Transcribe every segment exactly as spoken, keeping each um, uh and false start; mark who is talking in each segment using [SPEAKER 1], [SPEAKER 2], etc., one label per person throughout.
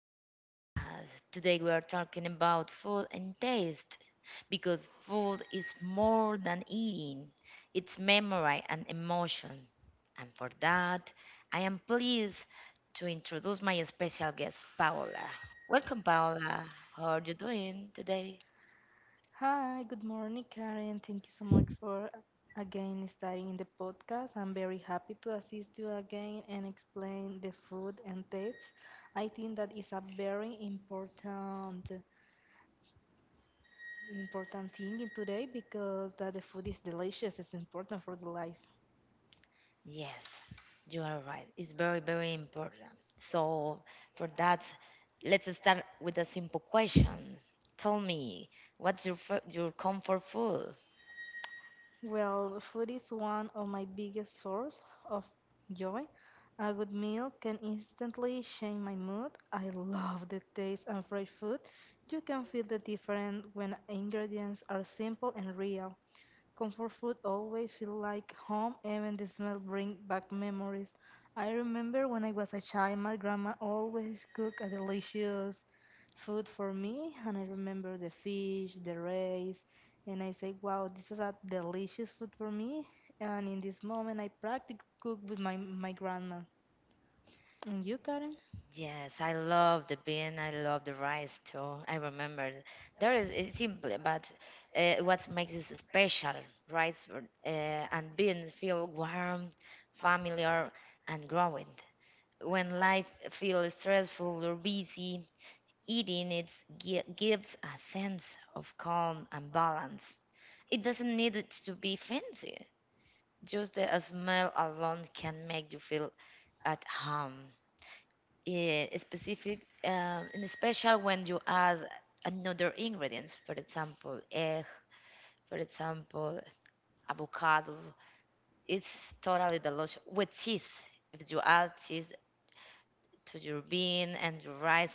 [SPEAKER 1] to the podcast. Today we are talking about food and taste because food is more than eating, it's memory and emotion. And for that, I am pleased to introduce my special guest, Paola. Welcome, Paola. How are you doing today?
[SPEAKER 2] Hi, good morning, Karen. Thank you so much for again starting in the podcast. I'm very happy to assist you again and explain the food and taste. I think that is a very important important thing in today because that the food is delicious. It's important for the life.
[SPEAKER 1] Yes, you are right. It's very, very important. So, for that, let's start with a simple question. Tell me, what's your fo- your comfort food?
[SPEAKER 2] Well, food is one of my biggest source of joy. A good meal can instantly change my mood. I love the taste of fresh food. You can feel the difference when ingredients are simple and real. Comfort food always feel like home, even the smell bring back memories. I remember when I was a child, my grandma always cooked a delicious food for me, and I remember the fish, the rice, and I say, "Wow, this is a delicious food for me." And in this moment, I practically cook with my my grandma. And you, Karen?
[SPEAKER 1] Yes, I love the bean. I love the rice too. I remember there is it's simple, but uh, what makes it special, rice uh, and beans feel warm, familiar, and growing. When life feels stressful or busy, eating it gi- gives a sense of calm and balance. It doesn't need it to be fancy. Just the smell alone can make you feel at home. Yeah, specific, um, and especially when you add another ingredients, for example, egg, for example, avocado. It's totally delicious with cheese. If you add cheese to your bean and your rice,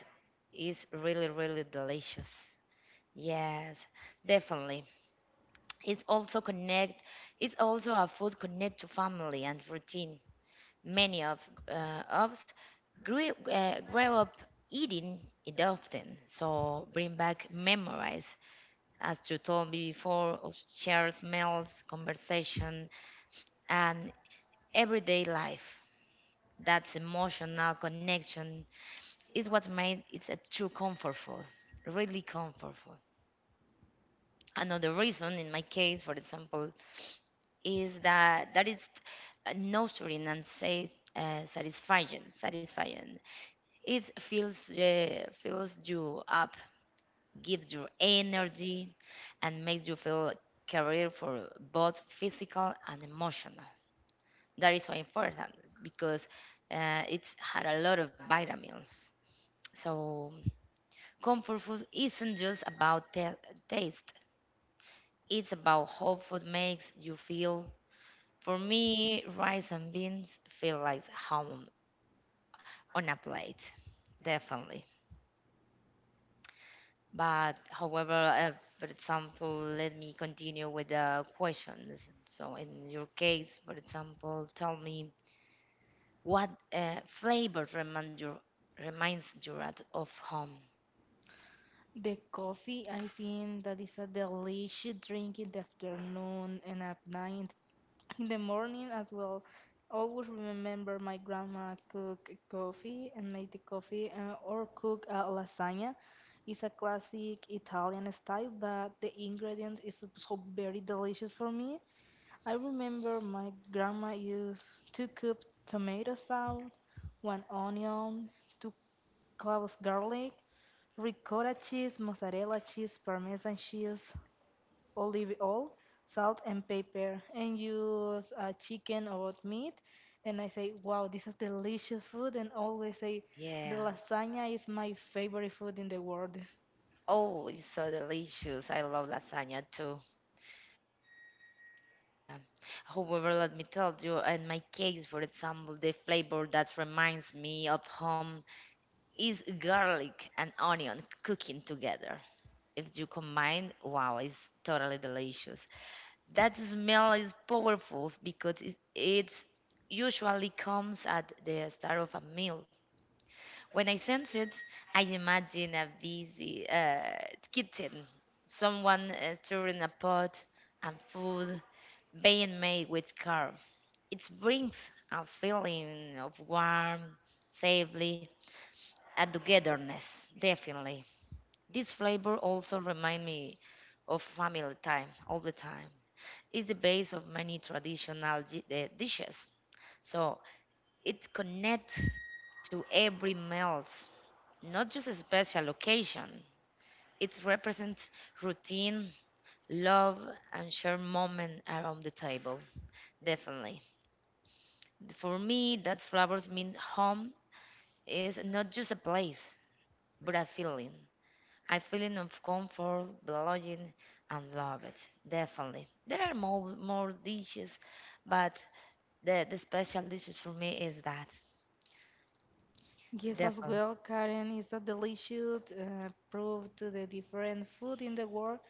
[SPEAKER 1] it's really, really delicious. Yes, definitely. It's also connect. It's also a food connect to family and routine. Many of uh, us grew, uh, grew up eating it often, so bring back memories, as you told me before, of shared smells, conversation, and everyday life. That emotional connection is what made it a true comfortful, really comfortful. Another reason, in my case, for example, is that that is uh, nurturing and say uh, satisfying satisfying it fills uh, fills you up, gives you energy and makes you feel career for both physical and emotional. That is so important because uh, it's had a lot of vitamins, so comfort food isn't just about ta- taste it's about how food makes you feel. For me, rice and beans feel like home on a plate, definitely. But however, uh, for example, let me continue with the questions. So, in your case, for example, tell me what uh, flavor remind you, reminds you at- of home.
[SPEAKER 2] The coffee, I think that is a delicious drink in the afternoon and at night. In the morning as well. Always remember my grandma cook coffee and make the coffee uh, or cook a lasagna. It's a classic Italian style, but the ingredient is so very delicious for me. I remember my grandma used two cups tomato sauce, one onion, two cloves garlic, ricotta cheese, mozzarella cheese, parmesan cheese, olive oil, salt, and pepper, and use uh, chicken or meat. And I say, wow, this is delicious food. And always say,
[SPEAKER 1] Yeah.
[SPEAKER 2] the lasagna is my favorite food in the world.
[SPEAKER 1] Oh, it's so delicious. I love lasagna too. Yeah. However, let me tell you, in my case, for example, the flavor that reminds me of home is garlic and onion cooking together. If you combine, wow, it's totally delicious. That smell is powerful because it it's usually comes at the start of a meal. When I sense it, I imagine a busy uh, kitchen, someone uh, stirring a pot and food being made with care. It brings a feeling of warmth, safely, and togetherness, definitely. This flavor also remind me of family time all the time. It's the base of many traditional di- eh, dishes. So it connects to every meals, not just a special occasion. It represents routine, love, and shared moment around the table. Definitely. For me, that flowers mean home is not just a place, but a feeling. I feeling of comfort, belonging, and love it. Definitely. There are more more dishes, but the the special dishes for me is that.
[SPEAKER 2] Yes, as
[SPEAKER 1] Definitely.
[SPEAKER 2] well, Karen is a delicious uh, proof to the different food in the world.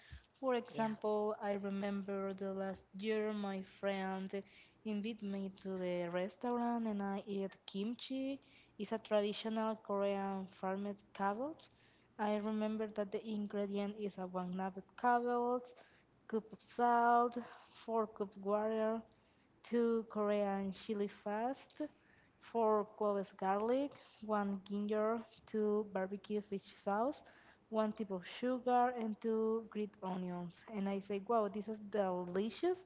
[SPEAKER 2] For
[SPEAKER 1] Yeah.
[SPEAKER 2] example, I remember the last year my friend invited me to the restaurant and I ate kimchi. It's a traditional Korean farmed cabbage. I remember that the ingredient is a one nugget cabbage, cup of salt, four cup water, two Korean chili fast, four cloves garlic, one ginger, two barbecue fish sauce, one tip of sugar, and two grilled onions. And I say, wow, this is delicious,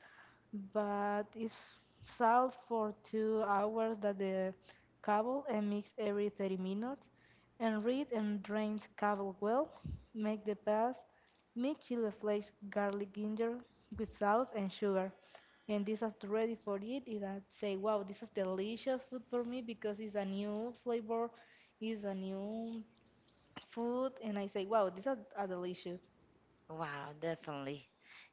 [SPEAKER 2] but it's salt for two hours that the cable and mix every thirty minutes. And read and drains cable well. Make the paste. Mix chili flakes, garlic, ginger with sauce and sugar and this is ready for it, and I say, wow, this is delicious food for me because it's a new flavor, it's a new food, and I say, wow, this is a delicious.
[SPEAKER 1] Wow, definitely.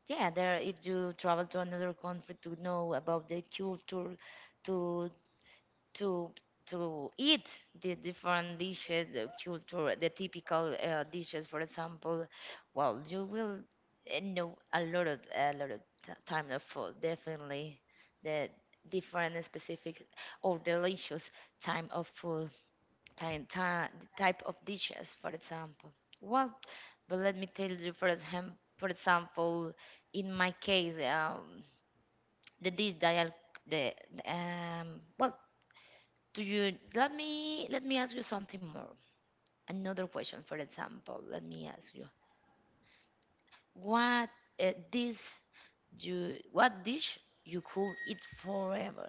[SPEAKER 1] Yeah, there if you travel to another country to know about the culture, to to to eat the different dishes, the culture, the typical uh, dishes, for example, well, you will uh, know a lot of a lot of t- time of food, definitely, the different and specific or delicious time of food, time, time type of dishes, for example. Well, but let me tell you, for example, for example, in my case, um, the dish that I the um, well do you let me let me ask you something more? Another question, for example, let me ask you what uh, this you what dish you could eat forever,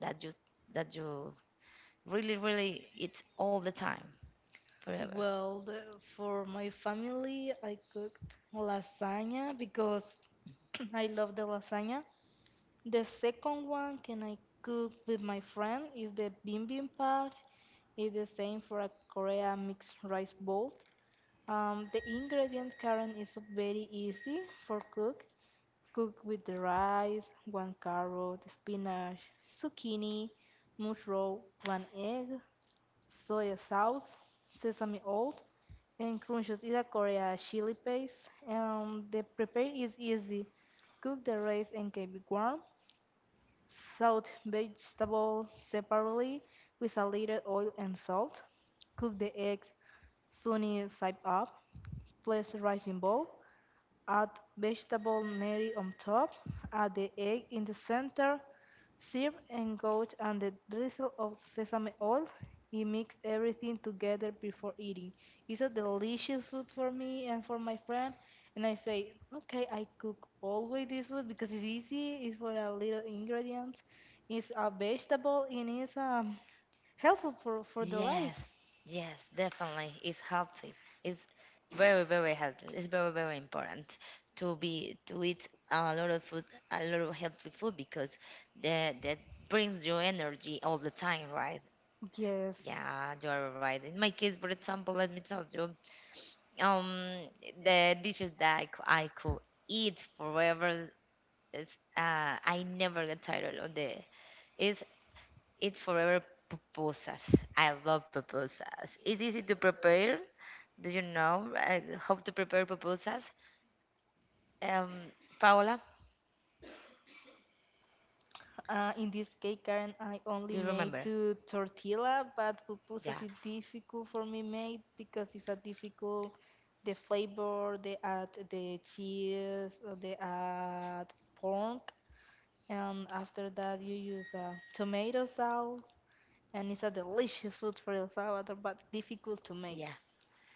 [SPEAKER 1] that you that you really really eat all the time forever.
[SPEAKER 2] Well the- for my family I cooked lasagna because I love the lasagna. The second one can I cook with my friend is the bibimbap. It's the same for a Korea mixed rice bowl. Um, the ingredient current is very easy for cook. Cook with the rice, one carrot, spinach, zucchini, mushroom, one egg, soy sauce, sesame oil, and crunches is a Korea chili paste. And the prepare is easy. Cook the rice and keep it warm. Saute vegetables separately with a little oil and salt. Cook the eggs sunny side up. Place rice in bowl. Add vegetable neri on top, add the egg in the center, serve engaged and the drizzle of sesame oil. You mix everything together before eating. It's a delicious food for me and for my friend. And I say, okay, I cook always this food because it's easy. It's for a little ingredients. It's a vegetable and it's um, helpful for, for the life.
[SPEAKER 1] Yes, yes, definitely. It's healthy. It's very, very healthy. It's very, very important to be to eat a lot of food, a lot of healthy food because that that brings you energy all the time, right?
[SPEAKER 2] Yes.
[SPEAKER 1] Yeah, you are right. In my case, for example, let me tell you, um, the dishes that I, cou- I could eat forever is uh, I never get tired of the it's it's forever pupusas. I love pupusas. It's easy to prepare. Do you know uh, how to prepare pupusas? Um, Paola,
[SPEAKER 2] Uh, in this cake, Karen, I only
[SPEAKER 1] do you
[SPEAKER 2] made
[SPEAKER 1] remember?
[SPEAKER 2] two tortilla, but
[SPEAKER 1] Yeah,
[SPEAKER 2] pupusas is difficult for me made because it's a difficult. The flavor, they add the cheese, uh, they add pork, and after that you use uh, tomato sauce, and it's a delicious food for El Salvador, but difficult to
[SPEAKER 1] yeah.
[SPEAKER 2] make.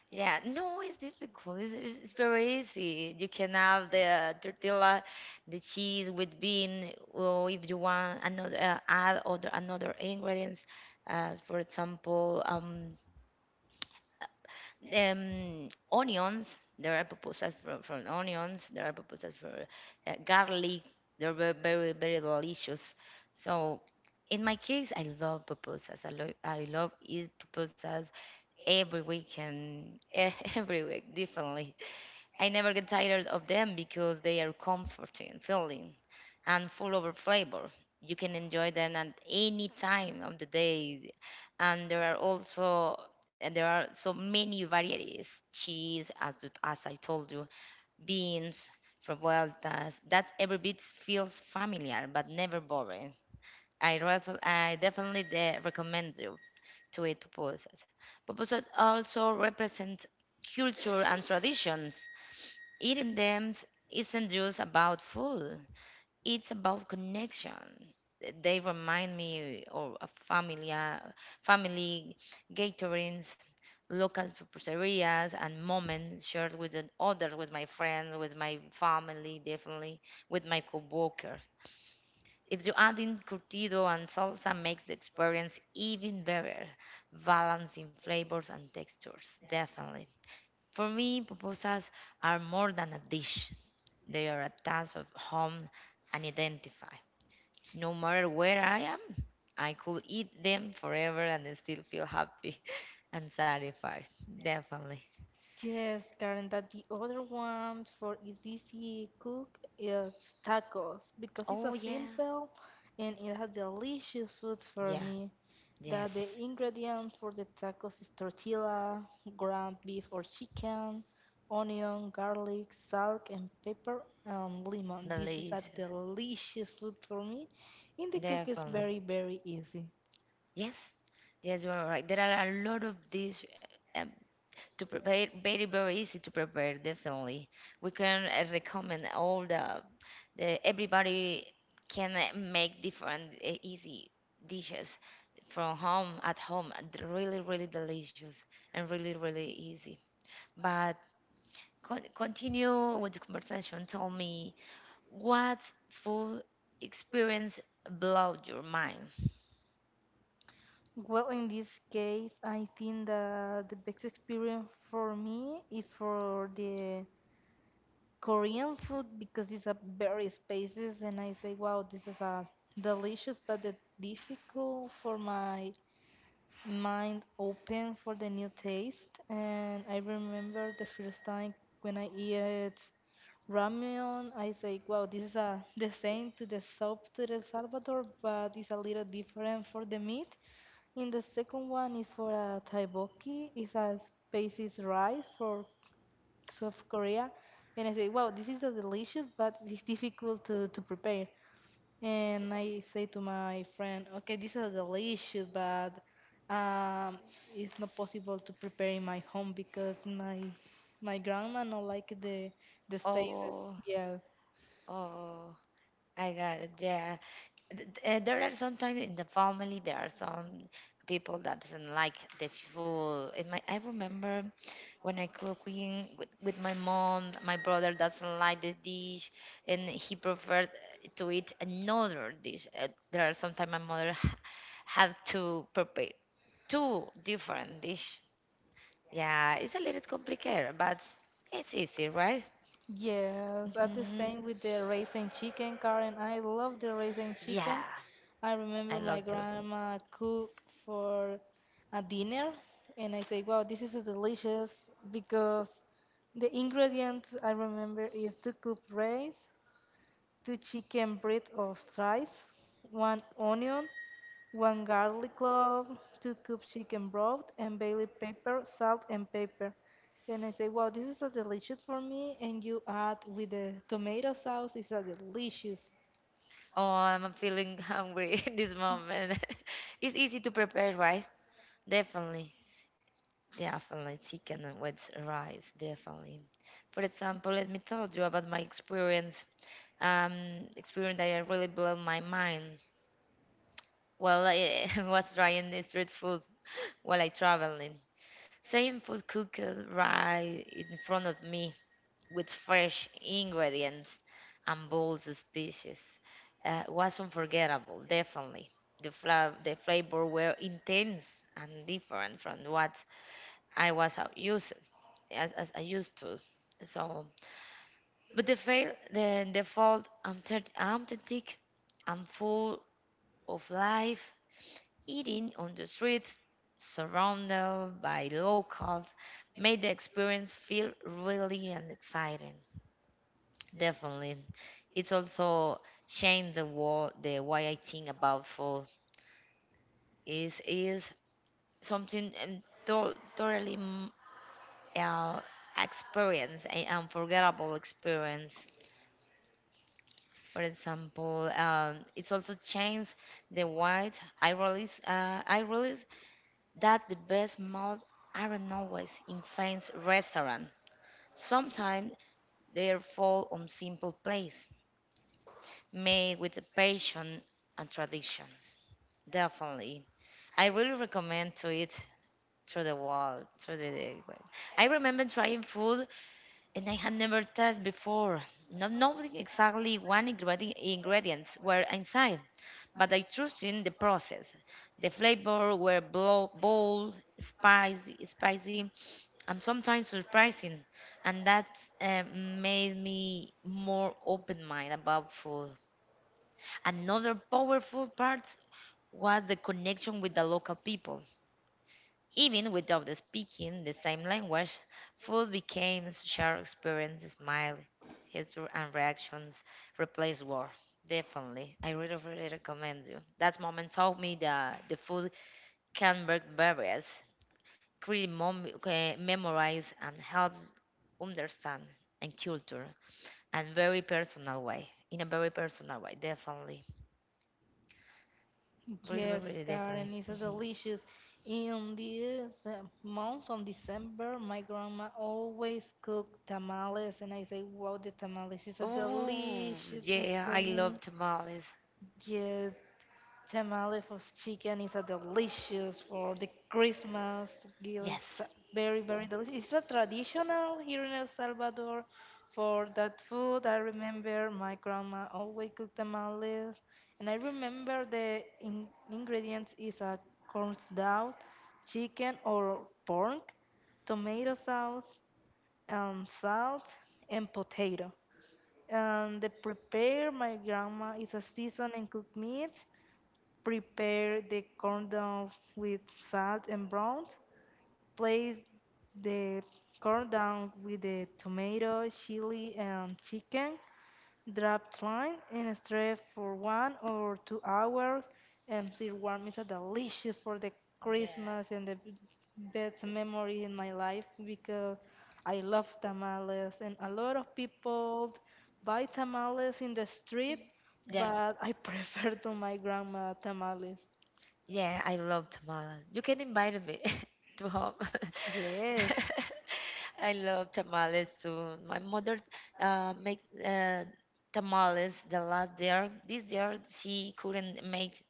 [SPEAKER 1] Yeah, no, it's difficult. It's, it's it's very easy. You can have the tortilla, the cheese with bean, or if you want another uh, add other another ingredients. Uh, for example, um, um, onions. There are proposals for, for onions. There are proposals for uh, garlic. They're very, very, very delicious. So, in my case, I love proposals. I love I love eat proposals every weekend, every week, differently. I never get tired of them because they are comforting, filling, and full of flavor. You can enjoy them at any time of the day, and there are also and there are so many varieties: cheese, as it- as I told you, beans, revueltas. That every bit feels familiar but never boring. I ref- I definitely de- recommend you to eat pupusas. Pupusas also represent culture and traditions. Eating them isn't just about food, it's about connection. They remind me of a familia, family gatherings, local pizzerias, and moments shared with the others, with my friends, with my family, definitely, with my coworkers. If you add in curtido and salsa, makes the experience even better, balancing flavors and textures, definitely. For me, pupusas are more than a dish. They are a task of home and identify. No matter where I am, I could eat them forever and still feel happy and satisfied. Definitely.
[SPEAKER 2] Yes, Karen, that the other one for is easy cook is tacos because it's a
[SPEAKER 1] Oh yeah,
[SPEAKER 2] simple and it has delicious foods for
[SPEAKER 1] yeah,
[SPEAKER 2] me. That the
[SPEAKER 1] yes,
[SPEAKER 2] ingredients for the tacos is tortilla, ground beef or chicken, onion, garlic, salt, and pepper and lemon. This is a
[SPEAKER 1] delicious.
[SPEAKER 2] delicious food for me, and the cook is
[SPEAKER 1] Definitely.
[SPEAKER 2] very very easy.
[SPEAKER 1] Yes, yes, you are right. There are a lot of these. uh, to prepare very very easy to prepare definitely, we can uh, recommend all the, the everybody can uh, make different uh, easy dishes from home at home, and really really delicious and really really easy. But con- continue with the conversation. Tell me what food experience blew your mind.
[SPEAKER 2] Well, in this case, I think that the best experience for me is for the Korean food because it's a very spaces, and I say, wow, this is a delicious, but the difficult for my mind open for the new taste. And I remember the first time when I eat ramen, I say, wow, this is a the same to the soup to El Salvador, but it's a little different for the meat. And the second one is for uh, tteokbokki. It's a spicy rice for South Korea. And I say, wow, this is a delicious, but it's difficult to, to prepare. And I say to my friend, okay, this is delicious, but um, it's not possible to prepare in my home because my my grandma not like the the spices.
[SPEAKER 1] Oh,
[SPEAKER 2] Yes.
[SPEAKER 1] oh, I got it. Yeah, th- th- uh, there are sometimes in the family there are some people that doesn't like the food, and my, I remember when I cooking with, with my mom, my brother doesn't like the dish and he preferred to eat another dish. Uh, there are sometimes my mother ha- had to prepare two different dish. Yeah, it's a little complicated but it's easy, right?
[SPEAKER 2] Yes, that's the
[SPEAKER 1] Hmm,
[SPEAKER 2] same with the raisin chicken, Karen. I love the raisin chicken.
[SPEAKER 1] yeah,
[SPEAKER 2] I remember
[SPEAKER 1] I
[SPEAKER 2] my
[SPEAKER 1] love to.
[SPEAKER 2] grandma cook for a dinner, and I say, "Wow, this is delicious!" Because the ingredients I remember is two cup rice, two chicken breast of slice, one onion, one garlic clove, two cups chicken broth, and bay leaf pepper, salt, and pepper. Then I say, wow, this is a delicious for me. And you add with the tomato sauce, it's a delicious.
[SPEAKER 1] Oh, I'm feeling hungry in this moment. It's easy to prepare, right? Definitely. Definitely. Chicken with rice, definitely. For example, let me tell you about my experience. Um, experience that really blew my mind. Well, I was trying the street food while I traveling. Same food cooked right in front of me, with fresh ingredients and bold species, uh, was unforgettable, definitely. The, fla- the flavor were intense and different from what I was uh, used as, as I used to. So, but the fail the the fault authentic authentic and full of life, eating on the streets, surrounded by locals, made the experience feel really and exciting. Definitely. It's also changed the war the way I think about food. is is something um, to, totally mm, uh, experience, an unforgettable experience. For example, um, it's also changed the way I realize uh, I realize that the best meals aren't always in fancy restaurant. Sometimes they fall on simple place made with passion and traditions. Definitely. I really recommend to eat through the wall, through the well, I remember trying food and I had never tasted before, not knowing exactly what ingredi- ingredients were inside, but I trusted in the process. The flavor were blow, bold, spicy, spicy, and sometimes surprising, and that uh, made me more open mind about food. Another powerful part was the connection with the local people. Even without speaking the same language, food became shared experience, smile, history, and reactions replaced war. Definitely. I really, really recommend you. That moment taught me that the food can break barriers, create mom- eh, memorize, and helps understand and culture and very personal way. In a very personal way, definitely. Really, really,
[SPEAKER 2] Yes,
[SPEAKER 1] really definitely.
[SPEAKER 2] Karen, it's a
[SPEAKER 1] Mhm.
[SPEAKER 2] delicious. In this uh, month on December, my grandma always cook tamales, and I say, wow, the tamales is a
[SPEAKER 1] Oh,
[SPEAKER 2] delicious food
[SPEAKER 1] yeah,
[SPEAKER 2] for
[SPEAKER 1] I
[SPEAKER 2] me.
[SPEAKER 1] love tamales.
[SPEAKER 2] Yes, tamale for chicken is a delicious for the Christmas meal. It's
[SPEAKER 1] Yes.
[SPEAKER 2] a very, very delicious. It's a traditional here in El Salvador for that food. I remember my grandma always cooked tamales, and I remember the in ingredients is a corn dough, chicken or pork, tomato sauce, and salt, and potato. And the prepare my grandma is a season and cooked meat. Prepare the corn down with salt and brown. Place the corn down with the tomato, chili, and chicken. Drop line and stir for one or two hours. And serve warm is a delicious for the Christmas
[SPEAKER 1] Yeah.
[SPEAKER 2] and the b- best memory in my life because I love tamales and a lot of people buy tamales in the street,
[SPEAKER 1] Yes.
[SPEAKER 2] but I prefer to my grandma tamales.
[SPEAKER 1] Yeah, I love tamales. You can invite me to home.
[SPEAKER 2] Yes.
[SPEAKER 1] I love tamales too. My mother uh, makes uh, tamales the last year. This year she couldn't make,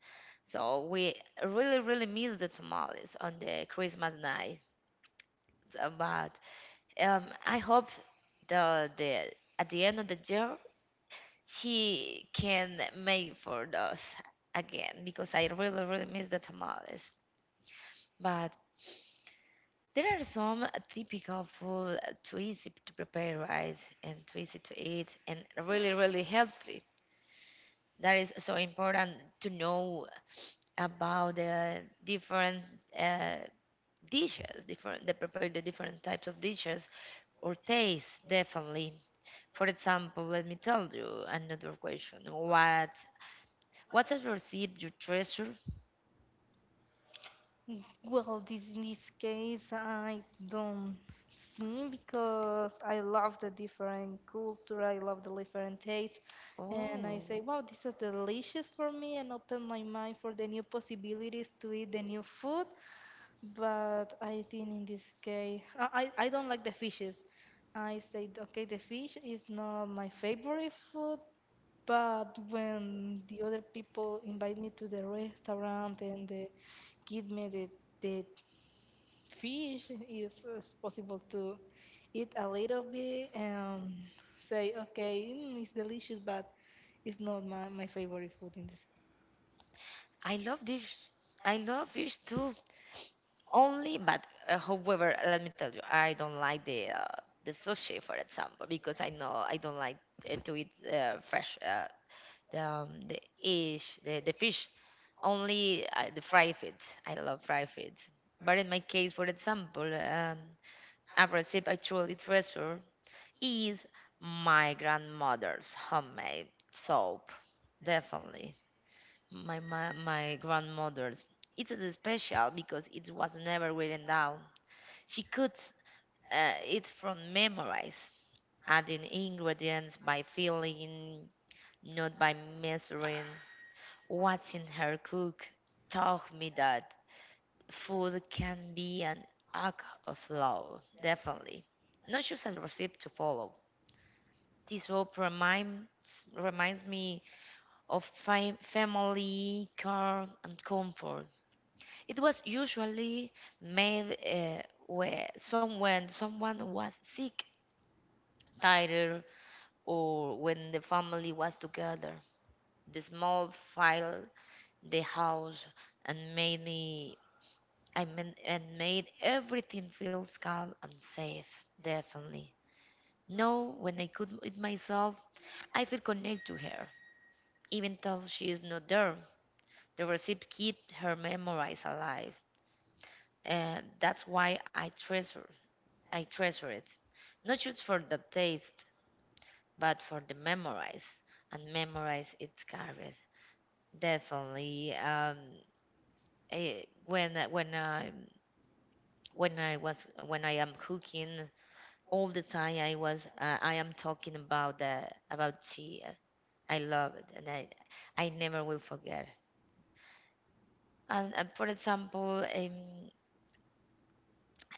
[SPEAKER 1] so we really, really miss the tamales on the Christmas night. So, but um, I hope the the at the end of the year she can make for us again because I really, really miss the tamales. But there are some typical food too easy to prepare, right? And too easy to eat and really, really healthy. That is so important to know about the different uh, dishes, different they prepare the different types of dishes or taste, definitely. For example, let me tell you another question. What What's a receipt you treasure?
[SPEAKER 2] Well, this in this case, I don't sing because I love the different culture, I love the different taste, and I
[SPEAKER 1] Oh,
[SPEAKER 2] say, wow, this is delicious for me, and open my mind for the new possibilities to eat the new food. But I think in this case, I, I, I don't like the fishes. I said, okay, the fish is not my favorite food, but when the other people invite me to the restaurant and they give me the, the fish, it's, it's possible to eat a little bit and say, okay, mm, it's delicious, but it's not my, my favorite food in this.
[SPEAKER 1] I love dish. I love fish too. Only, but uh, however, let me tell you, I don't like the uh, the sushi, for example, because I know I don't like uh, to eat uh, fresh uh, the um, the fish, the, the fish. Only uh, the fried fish. I love fried fish. But in my case, for example, um, a recipe I truly treasure is my grandmother's homemade soap. Definitely. my, my, my grandmother's. It is special because it was never written down. She cooked uh, it from memorize, adding ingredients by feeling, not by measuring. Watching her cook taught me that food can be an act of love, definitely. Not just a recipe to follow. This hope reminds, reminds me of fam- family, care, and comfort. It was usually made uh, where someone someone was sick, tired, or when the family was together. The small file, the house, and made me I mean and made everything feels calm and safe. Definitely. Now, when I cook it myself, I feel connected to her, even though she is not there. The recipes keep her memories alive, and that's why I treasure I treasure it. Not just for the taste, but for the memorize. And memorize it's carried. Definitely. Um, eh, when when I when I was when I am cooking all the time, I was uh, I am talking about the about tea. I love it, and I I never will forget. And, and for example, um,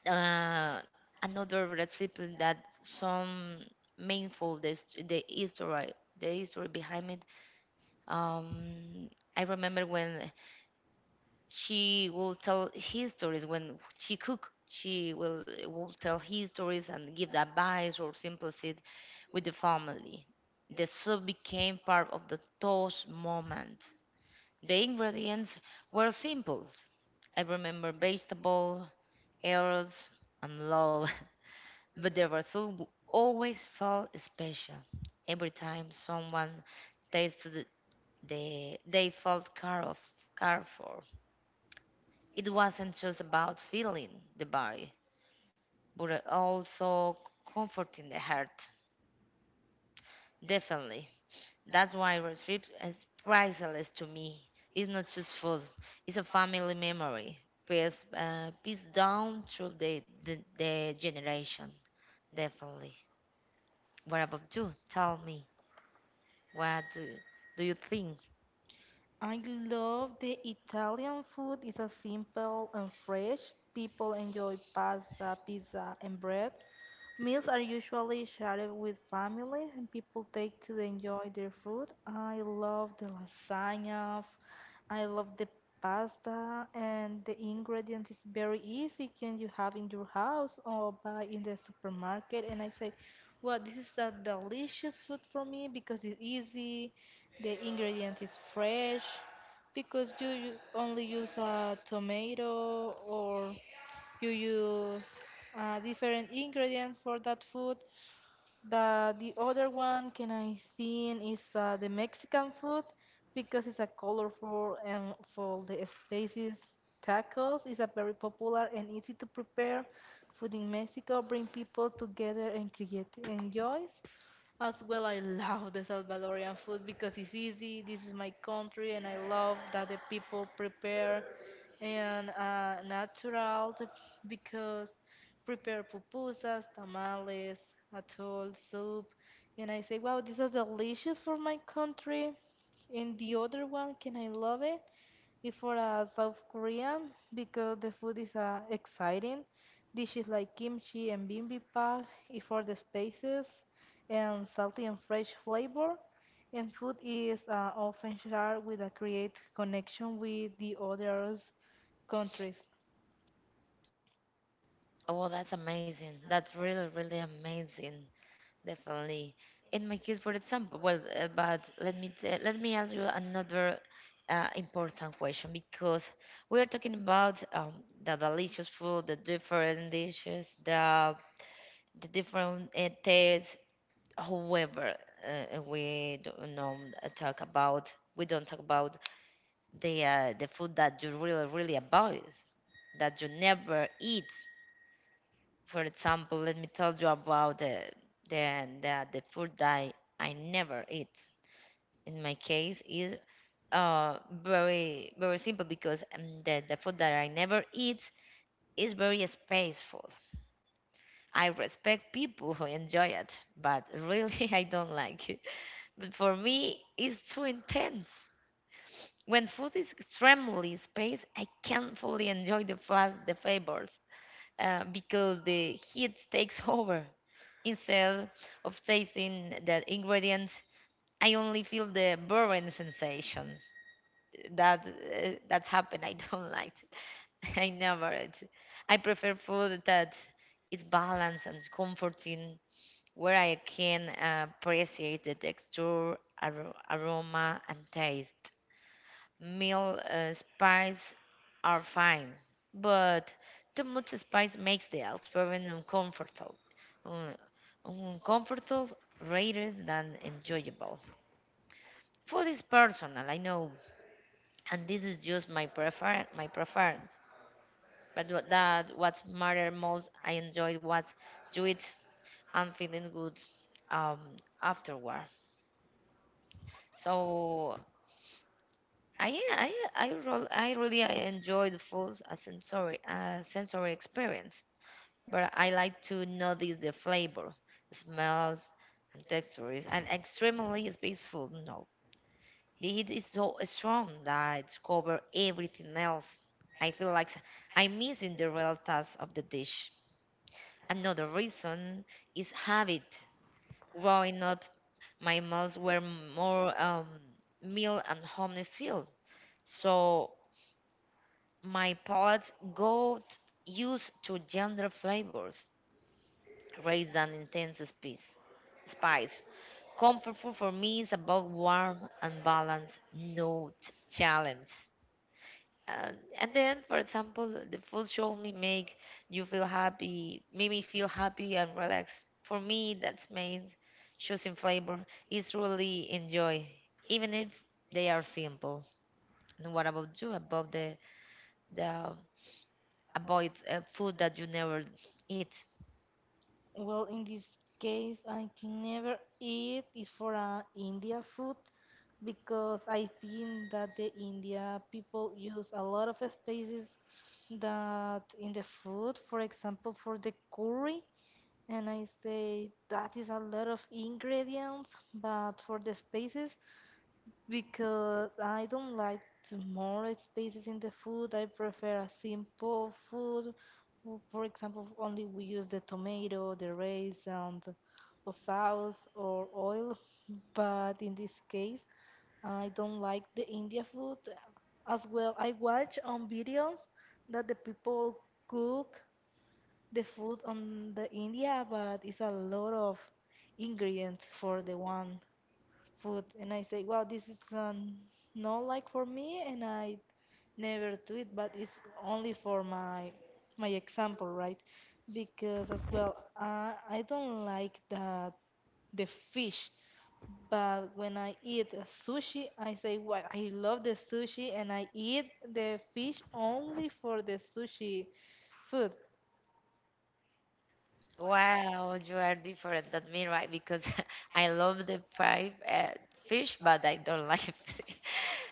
[SPEAKER 1] uh, another recipe that some meaningful the hist- the history the history behind it. Um, I remember when she will tell his stories when she cook. She will will tell his stories and give the advice or simplicity with the family. The soup became part of the toast moment. The ingredients were simple. I remember vegetable, herbs, and love, but the result always felt special. Every time someone tasted the they felt care of care for. It wasn't just about feeling the body, but also comforting the heart. Definitely. That's why road trips is priceless to me. It's not just food, it's a family memory. Passed, uh, passed down through the, the, the generation. Definitely. What about you? Tell me. What do you, do you think?
[SPEAKER 2] I love the Italian food. It's a simple and fresh. People enjoy pasta, pizza, and bread. Meals are usually shared with family, and people take to enjoy their food. I love the lasagna. f- I love the pasta, and the ingredient is very easy. Can you have in your house or buy in the supermarket? And I say, well, this is a delicious food for me because it's easy. The ingredient is fresh because you, you only use a tomato or you use uh, different ingredients for that food. The the other one can I think is uh, the Mexican food because it's a colorful and for the spaces. Tacos is a very popular and easy to prepare food in Mexico, bring people together and create enjoys as well. I love the Salvadorian food because it's easy, this is my country, and I love that the people prepare and uh, natural t- because prepare pupusas, tamales, atoll, soup. And I say, wow, this is delicious for my country. And the other one, can I love it? It's for a South Korean because the food is uh, exciting. Dishes like kimchi and bibimbap is for the spices and salty and fresh flavor. And food is uh, often shared with a create connection with the others countries.
[SPEAKER 1] Oh, that's amazing. That's really, really amazing. Definitely. In my case, for example, well, uh, but let me tell, let me ask you another uh, important question because we are talking about um, the delicious food, the different dishes, the the different uh, tastes. However, uh, we don't know, uh, talk about we don't talk about the uh, the food that you really really avoid, that you never eat. For example, let me tell you about the the the, the food that I, I never eat. In my case, is uh very very simple because um, the the food that I never eat is very spaceful. I respect people who enjoy it, but really I don't like it. But for me, it's too intense. When food is extremely spaced, I can't fully enjoy the fla- the flavors uh, because the heat takes over. Instead of tasting the ingredients, I only feel the burning sensation. That uh, that happened. I don't like. I never it. I prefer food that is balanced and comforting, where I can uh, appreciate the texture, ar- aroma, and taste. Meal uh, spice are fine, but too much spice makes the experience uncomfortable, uh, uncomfortable rather than enjoyable. Food is personal, I know, and this is just my prefer my preference. But what- that what matter most, I enjoy what you eat and feeling good um, afterward. So I I I, rol- I really I enjoy the full uh, sensory uh, sensory experience, but I like to notice the flavor, smells, and textures, and extremely it's peaceful. No, the heat is so strong that it's cover everything else. I feel like I'm missing the real taste of the dish. Another reason is habit. Growing up, my meals were more um, meal and home style, so. My palate got used to gentler flavors rather than intense spice. Spice. Comfort food for me is about warm and balanced, not challenge. And, and then, for example, the food should only make you feel happy, make me feel happy and relaxed. For me, that means choosing flavor is really enjoy, even if they are simple. And what about you? About the the avoid uh, food that you never eat.
[SPEAKER 2] Well, in this case, I can never eat is for uh, India food because I think that the India people use a lot of spices that in the food, for example, for the curry. And I say that is a lot of ingredients, but for the spices, because I don't like the more spices in the food. I prefer a simple food. W- For example, only we use the tomato, the raisin, the- or sauce or oil. But in this case, I don't like the India food. As well, I watch on videos that the people cook the food on the India, but it's a lot of ingredients for the one food, and I say, wow, this is um, not like for me and I never do it, but it's only for my my example, right? Because as well, uh, I don't like the the fish, but when I eat a sushi, I say, wow, I love the sushi and I eat the fish only for the sushi food.
[SPEAKER 1] Wow, you are different than me, right? Because I love the fried uh, fish, but I don't like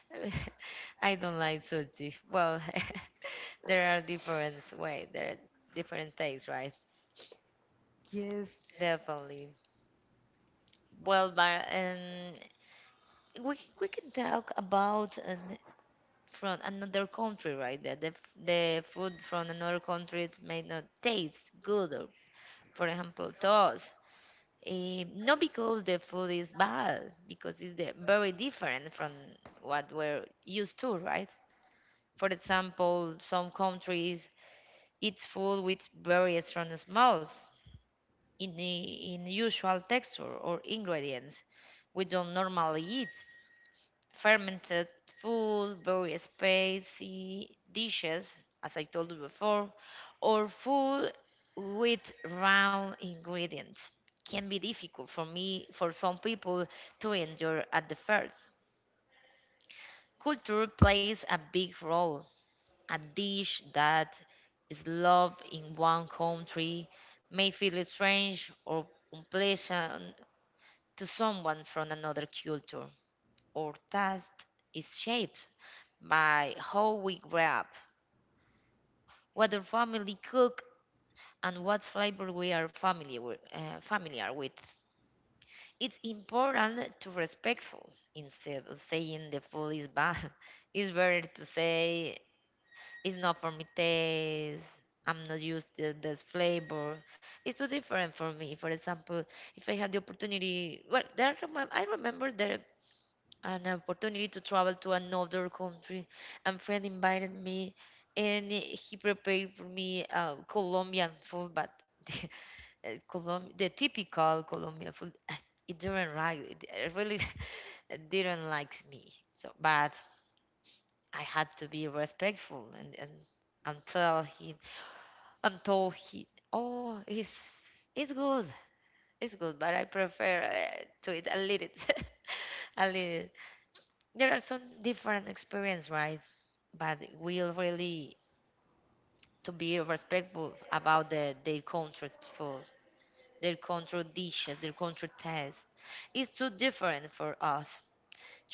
[SPEAKER 1] I don't like sushi. Well, there are different way, there are different tastes, right?
[SPEAKER 2] Yes.
[SPEAKER 1] Definitely. Well, but um, we we can talk about an, from another country, right? The, the f- the food from another country it may not taste good. Or, for example, toast. Eh, not because the food is bad, because it's the, very different from what we're used to, right? For example, some countries eat food with very strong smells, in the unusual texture or ingredients we don't normally eat fermented food, very spicy dishes, as I told you before, or food with raw ingredients can be difficult for me, for some people to endure at the first. Culture plays a big role. A dish that is loved in one country may feel strange or unpleasant to someone from another culture, or taste is shaped by how we grew up, what the family cook, and what flavor we are familiar with, uh, familiar with. It's important to respectful instead of saying the food is bad. It's better to say it's not for me taste. I'm not used to this flavor. It's too different for me. For example, if I had the opportunity, well, there I remem- I remember there an opportunity to travel to another country. And friend invited me, and he prepared for me uh, Colombian food, but the, uh, Colom- the typical Colombian food, it didn't like it. It really didn't like me. So, but I had to be respectful and and until he until he oh it's it's good it's good, but I prefer uh, to eat a little a little there are some different experience, right? But we'll really to be respectful about the their country food, their country dishes, their country taste. It's too different for us.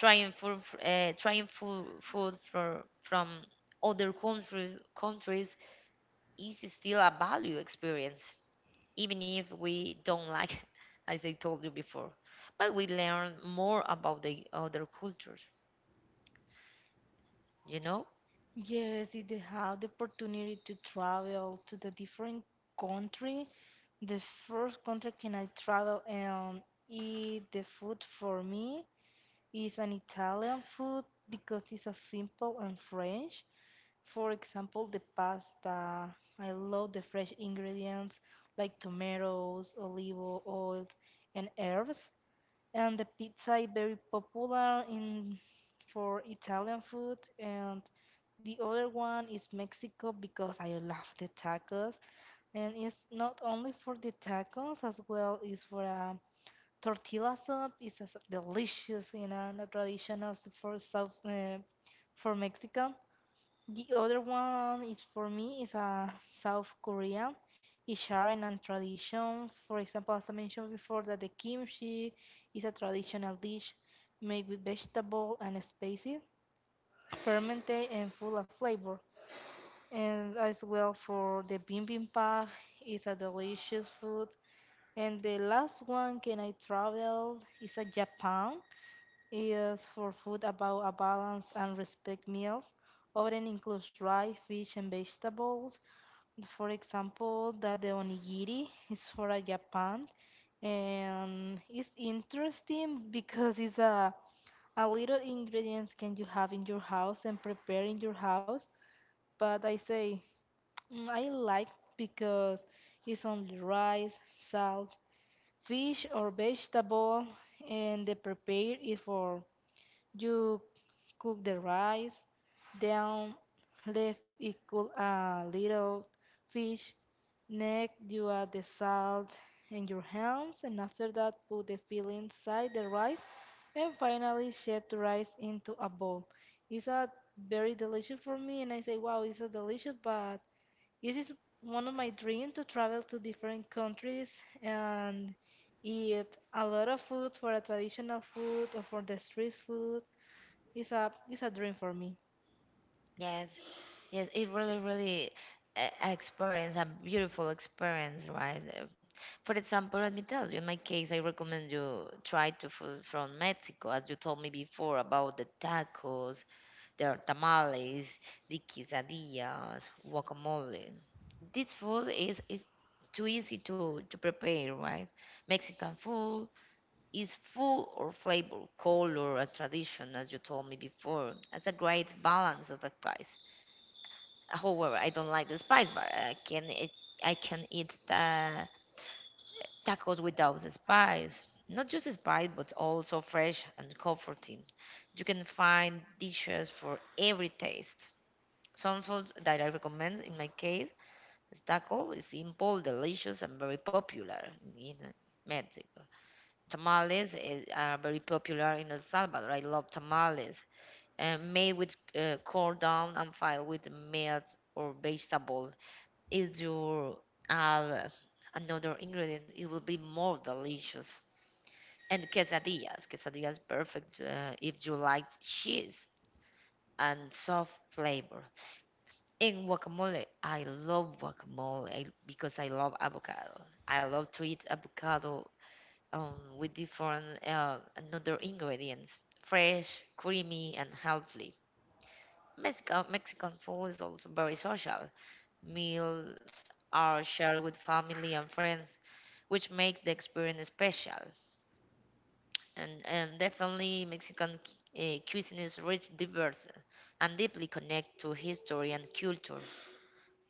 [SPEAKER 1] Trying food, uh, trying food, food for, from other country, countries is still a value experience, even if we don't like, as I told you before. But we learn more about the other cultures, you know.
[SPEAKER 2] Yes, if they have the opportunity to travel to the different country, the first country can I travel and eat the food for me is an Italian food because it's a simple and French. For example, the pasta. I love the fresh ingredients like tomatoes, olive oil, and herbs and the pizza is very popular in for Italian food and the other one is Mexico because I love the tacos and it's not only for the tacos as well is for a tortilla soup it's as delicious you know and a traditional s- for South uh, for Mexico. The other one is for me is uh, South Korea. Is sharing and tradition. For example, as I mentioned before, that the kimchi is a traditional dish made with vegetable and spices, fermented and full of flavor. And as well for the bibimbap, is a delicious food. And the last one, can I travel? Is a Japan, is for food about a balanced and respect meals. Often includes rice, fish, and vegetables. For example, that the onigiri is for a Japan, and it's interesting because it's a a little ingredients can you have in your house and prepare in your house. But I say "Mm, I like because it's only rice, salt, fish or vegetable, and the prepare it for you cook the rice, then leave it cool a little fish. Next, you add the salt and your hands, and after that, put the filling inside the rice, and finally, shape the rice into a bowl. It's a very delicious for me, and I say, wow, it's so delicious. But this is one of my dream to travel to different countries and eat a lot of food for a traditional food or for the street food it's a it's a dream for me.
[SPEAKER 1] Yes, yes, it really, really uh, experience a beautiful experience, right? Uh, For example, let me tell you, in my case, I recommend you try to food from Mexico, as you told me before about the tacos, their tamales, the quesadillas, guacamole. This food is is too easy to to prepare, right? Mexican food is full of flavor, color, and tradition, as you told me before. That's a great balance of advice. However, I don't like the spice, but I can eat, I can eat the tacos without the spice. Not just the spice, but also fresh and comforting. You can find dishes for every taste. Some foods that I recommend in my case is taco is simple, delicious, and very popular in Mexico. Tamales is, are very popular in El Salvador. I love tamales, uh, made with uh, corn down and filled with meat or vegetable if you add another ingredient, it will be more delicious. And quesadillas. Quesadillas perfect uh, if you like cheese and soft flavor. And guacamole. I love guacamole I- because I love avocado. I love to eat avocado um, with different uh, another ingredients. Fresh, creamy, and healthy. Mexico, Mexican food is also very social. Meals are shared with family and friends, which makes the experience special. And, and definitely, Mexican uh, cuisine is rich, diverse, and deeply connected to history and culture.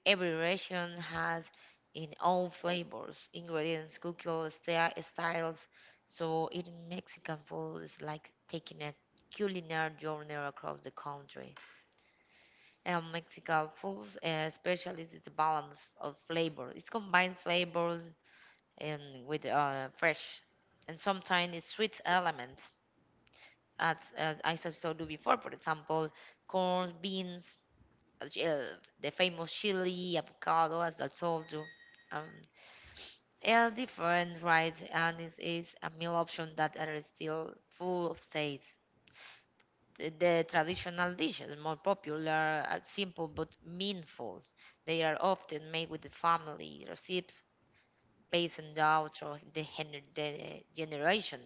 [SPEAKER 1] Every region has its own flavors, ingredients, cooking sti- styles, so eating Mexican food is like taking a culinary journey across the country. And Mexican foods, uh, especially it's a balance of flavor. It's combined flavors and with uh, fresh, and sometimes it's sweet elements, as, as I just told you before. For example, corn, beans, uh, ch- uh, the famous chili, avocado, as I told you. Um, and different, right? And it is a meal option that are still full of taste. The the traditional dishes, more popular, are simple but meaningful. They are often made with the family recipes, passed down through the hen- the generation.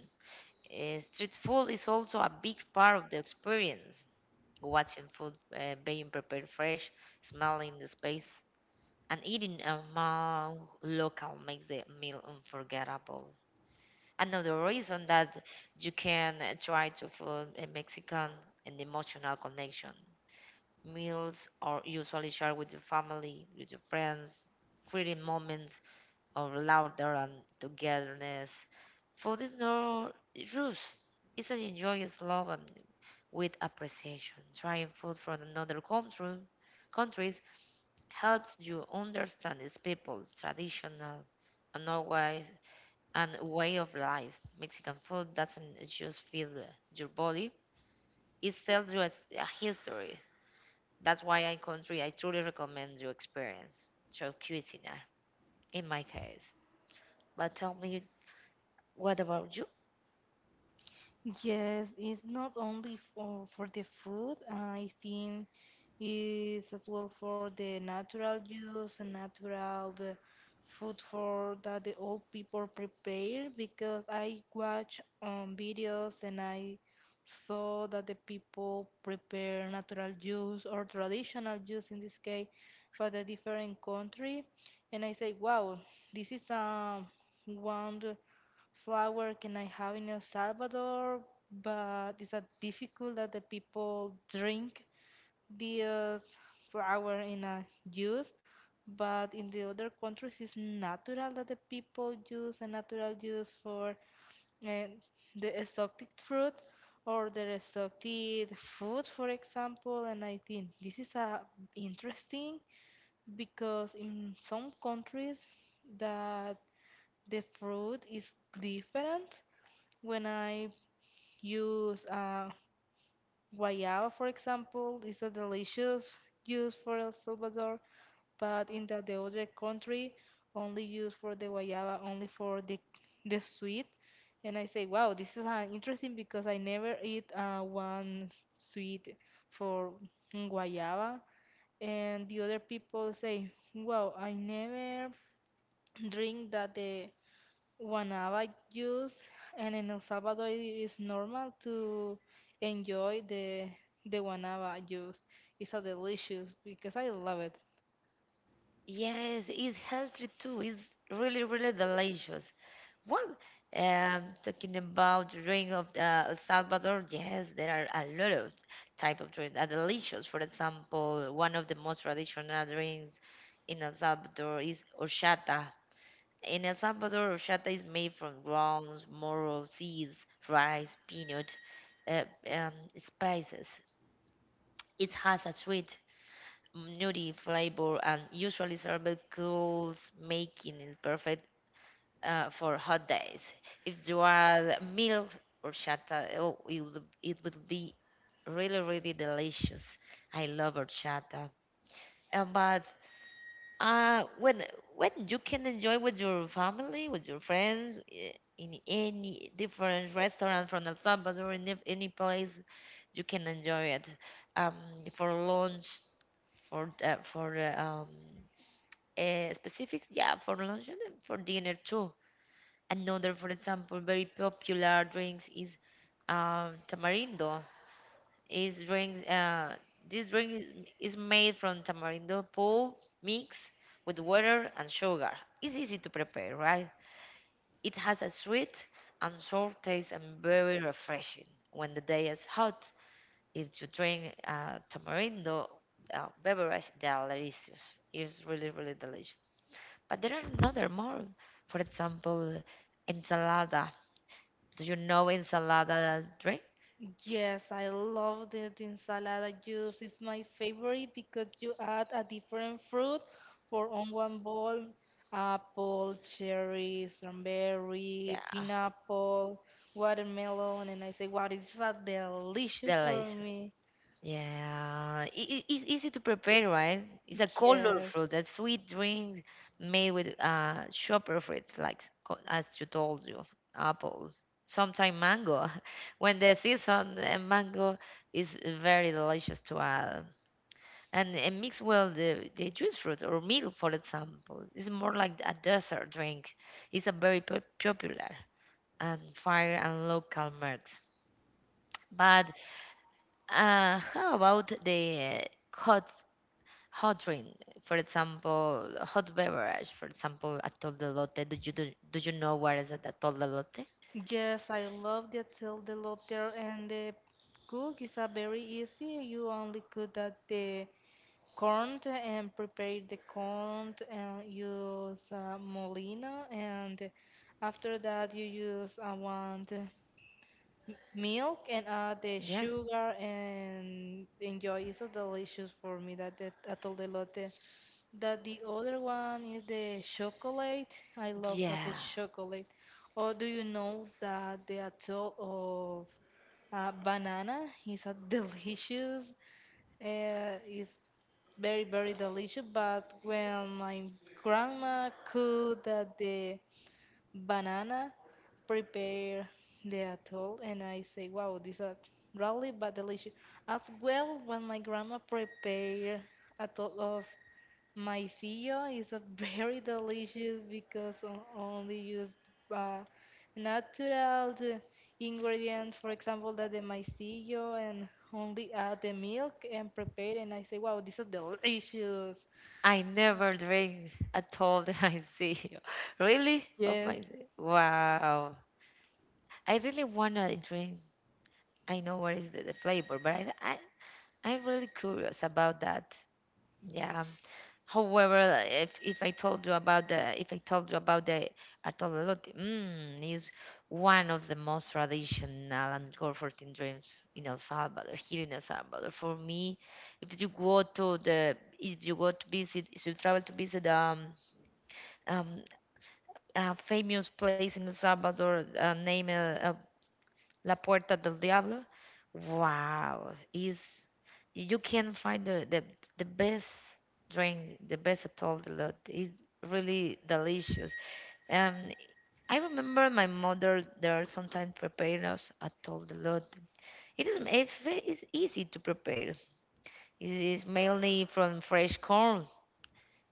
[SPEAKER 1] Uh, street food is also a big part of the experience. Watching food uh, being prepared fresh, smelling the space, and eating among local makes the meal unforgettable. Another reason that you can uh, try to food a Mexican and emotional connection. Meals are usually shared with your family, with your friends, creating moments of laughter and togetherness. Food is no rush. It's an joyous love and with appreciation. Trying food from another country countries helps you understand its people, traditional and always and way of life. Mexican food doesn't just fill your body; it tells you a, s- a history, that's why I country I truly recommend you experience show cuisine in my case. But tell me, what about you?
[SPEAKER 2] Yes, it's not only for, for the food, I think it's as well for the natural juice and natural the food for that the old people prepare because I watch um, videos and I saw that the people prepare natural juice or traditional juice in this case for the different country and I say wow this is um, one flower can I have in El Salvador, but it's a difficult that the people drink this flower in a juice. But in the other countries, it's natural that the people use a natural juice for uh, the exotic fruit or the exotic food, for example. And I think this is a interesting because in some countries that the fruit is different when I use uh, guayaba, for example, it's a delicious juice for El Salvador, but in the, the other country, only use for the guayaba, only for the the sweet. And I say, wow, this is uh, interesting because I never eat uh, one sweet for guayaba, and the other people say, wow, I never drink that the Guanaba juice, and in El Salvador it is normal to enjoy the the guanaba juice. It's a delicious because I love it.
[SPEAKER 1] Yes, it's healthy too. It's really, really delicious. Well, um, talking about drink of uh, El Salvador, yes, there are a lot of type of drinks that are delicious. For example, one of the most traditional drinks in El Salvador is horchata. In El Salvador, horchata is made from grounds, moro seeds, rice, peanut, uh, um, spices. It has a sweet, nutty flavor and usually served cool, making it perfect uh, for hot days. If you are milk horchata, oh, it will, it will be really, really delicious. I love horchata. Um, but Uh, when when you can enjoy with your family, with your friends, eh, in any different restaurant from El Salvador, in if- any place, you can enjoy it. Um, for lunch, for uh, for uh, um, uh, specific, yeah, for lunch and then for dinner too. Another, for example, very popular drinks is um, tamarindo. Is drink uh this drink is is made from tamarindo pulp mixed with water and sugar. It's easy to prepare, right? It has a sweet and sour taste and very refreshing when the day is hot. If you drink uh, tamarindo uh, beverage, they are delicious. It's really, really delicious. But there are another more. For example, ensalada. Do you know ensalada drink?
[SPEAKER 2] Yes, I love the, the ensalada juice. It's my favorite because you add a different fruit for on one bowl. Apple, cherry, strawberry,
[SPEAKER 1] Yeah,
[SPEAKER 2] pineapple, watermelon, and I say, wow, this is a delicious for
[SPEAKER 1] delicious.
[SPEAKER 2] me.
[SPEAKER 1] Yeah, it, it's easy to prepare, right? It's a colorful
[SPEAKER 2] Yes.
[SPEAKER 1] fruit, a sweet drink made with uh shopper fruits, like co- as you told you, apple, sometimes mango. When the season, uh, mango is very delicious to add, and it mix well the, the juice fruit or milk, for example. It's more like a dessert drink. It's a very pop- popular and fire and local marks. But uh, how about the uh, hot hot drink, for example, hot beverage, for example, a toldelote. Do you do, do you know what is it, a toldelote?
[SPEAKER 2] Yes, I love the till the lot and the cook is a very easy. You only cook that the corn and prepare the corn and use uh, molina and after that you use uh, one the milk and add the
[SPEAKER 1] Yeah,
[SPEAKER 2] sugar and enjoy. It's so delicious for me that the atol de lote. That the other one is the chocolate. I love that
[SPEAKER 1] yeah.
[SPEAKER 2] the chocolate. Or do you know that the atoll of uh, banana is a delicious? Uh, it's very very delicious. But when my grandma cooked that the banana, prepare the atoll, and I say, wow, this is really but delicious. As well, when my grandma prepare atoll of Maicillo is a very delicious because o- only used uh, natural the ingredient. For example, that the maicillo and only add the milk and prepare. And I say, wow, this is delicious.
[SPEAKER 1] I never drink at all that I see. Really? Of
[SPEAKER 2] Yes.
[SPEAKER 1] my wow. I really wanna drink. I know what is the, the flavor, but I I I'm really curious about that. Yeah. However, if, if I told you about the if I told you about the Artololote, mm, is one of the most traditional and comforting dreams in El Salvador, here in El Salvador. For me, if you go to the if you go to visit, if you travel to visit um, um, a famous place in El Salvador uh, named uh, uh, La Puerta del Diablo, wow, is you can find the the, the best drink, the best at all the lot. It's really delicious. Um, I remember my mother there sometimes prepare us at all the lot. It is it's ve- it's easy to prepare. It is mainly from fresh corn,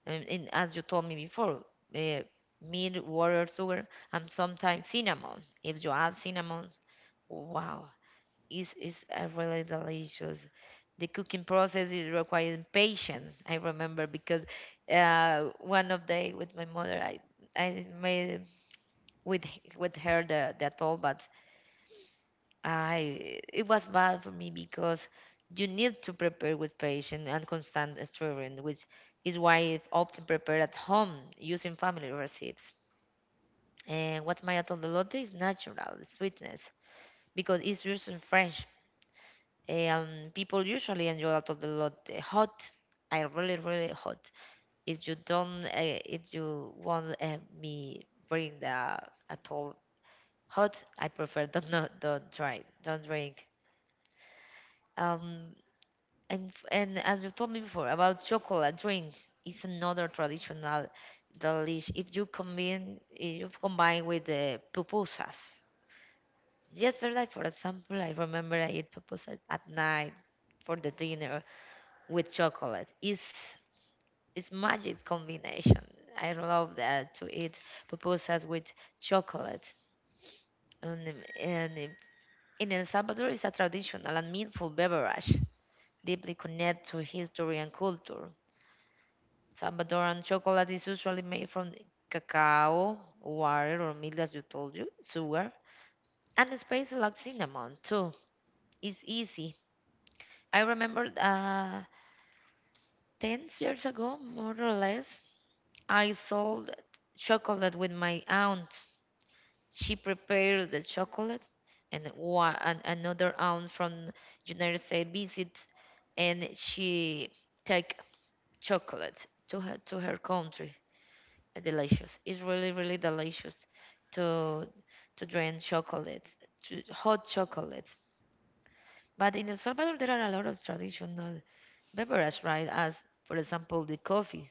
[SPEAKER 1] and, and as you told me before, uh, milk, water, sugar, and sometimes cinnamon. If you add cinnamon, wow, is is uh, really delicious. The cooking process is requires patience. I remember because uh, one of the with my mother, I I made with h- with her the the atole, but I it was bad for me because you need to prepare with patience and constant stirring, which is why I often prepare at home using family recipes. And what my atole de lote is natural sweetness because it's used in French. Um, people usually enjoy a lot, a lot uh, hot. I really, really hot. If you don't, uh, if you want uh, me bring the at all hot, I prefer don't not don't try, don't drink. Um, and f- and as you told me before about chocolate drink, it's another traditional delish. If you combine, if you combine with the pupusas. Yesterday, for example, I remember I ate pupusas at night for the dinner with chocolate. It's it's magic combination. I love that to eat pupusas with chocolate. And, and in El Salvador, it's a traditional and meaningful beverage, deeply connected to history and culture. Salvadoran chocolate is usually made from cacao, water, or milk, as you told you, sugar, and spices like cinnamon too. It's easy. I remember uh, ten years ago, more or less, I sold chocolate with my aunt. She prepared the chocolate, and wa- an- another aunt from United States visit, and she take chocolate to her to her country. Uh, Delicious. It's really really delicious to to drink chocolate, to hot chocolate. But in El Salvador, there are a lot of traditional beverages, right? As for example, the coffee.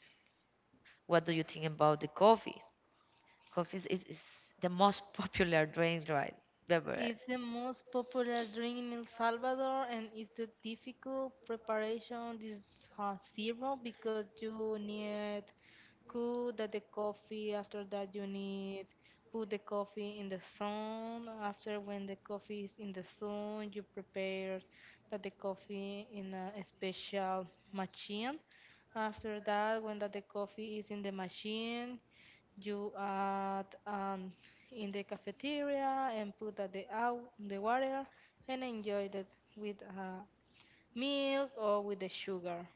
[SPEAKER 1] What do you think about the coffee? Coffee is, is is the most popular drink, right? Beverage.
[SPEAKER 2] It's the most popular drink in El Salvador and it's the difficult preparation this uh, syrup because you need cool that the coffee after that you need put the coffee in the sun after when the coffee is in the sun you prepare that the coffee in a special machine after that when that the coffee is in the machine you add um, in the cafeteria and put at the out the water and enjoy that with uh, milk or with the sugar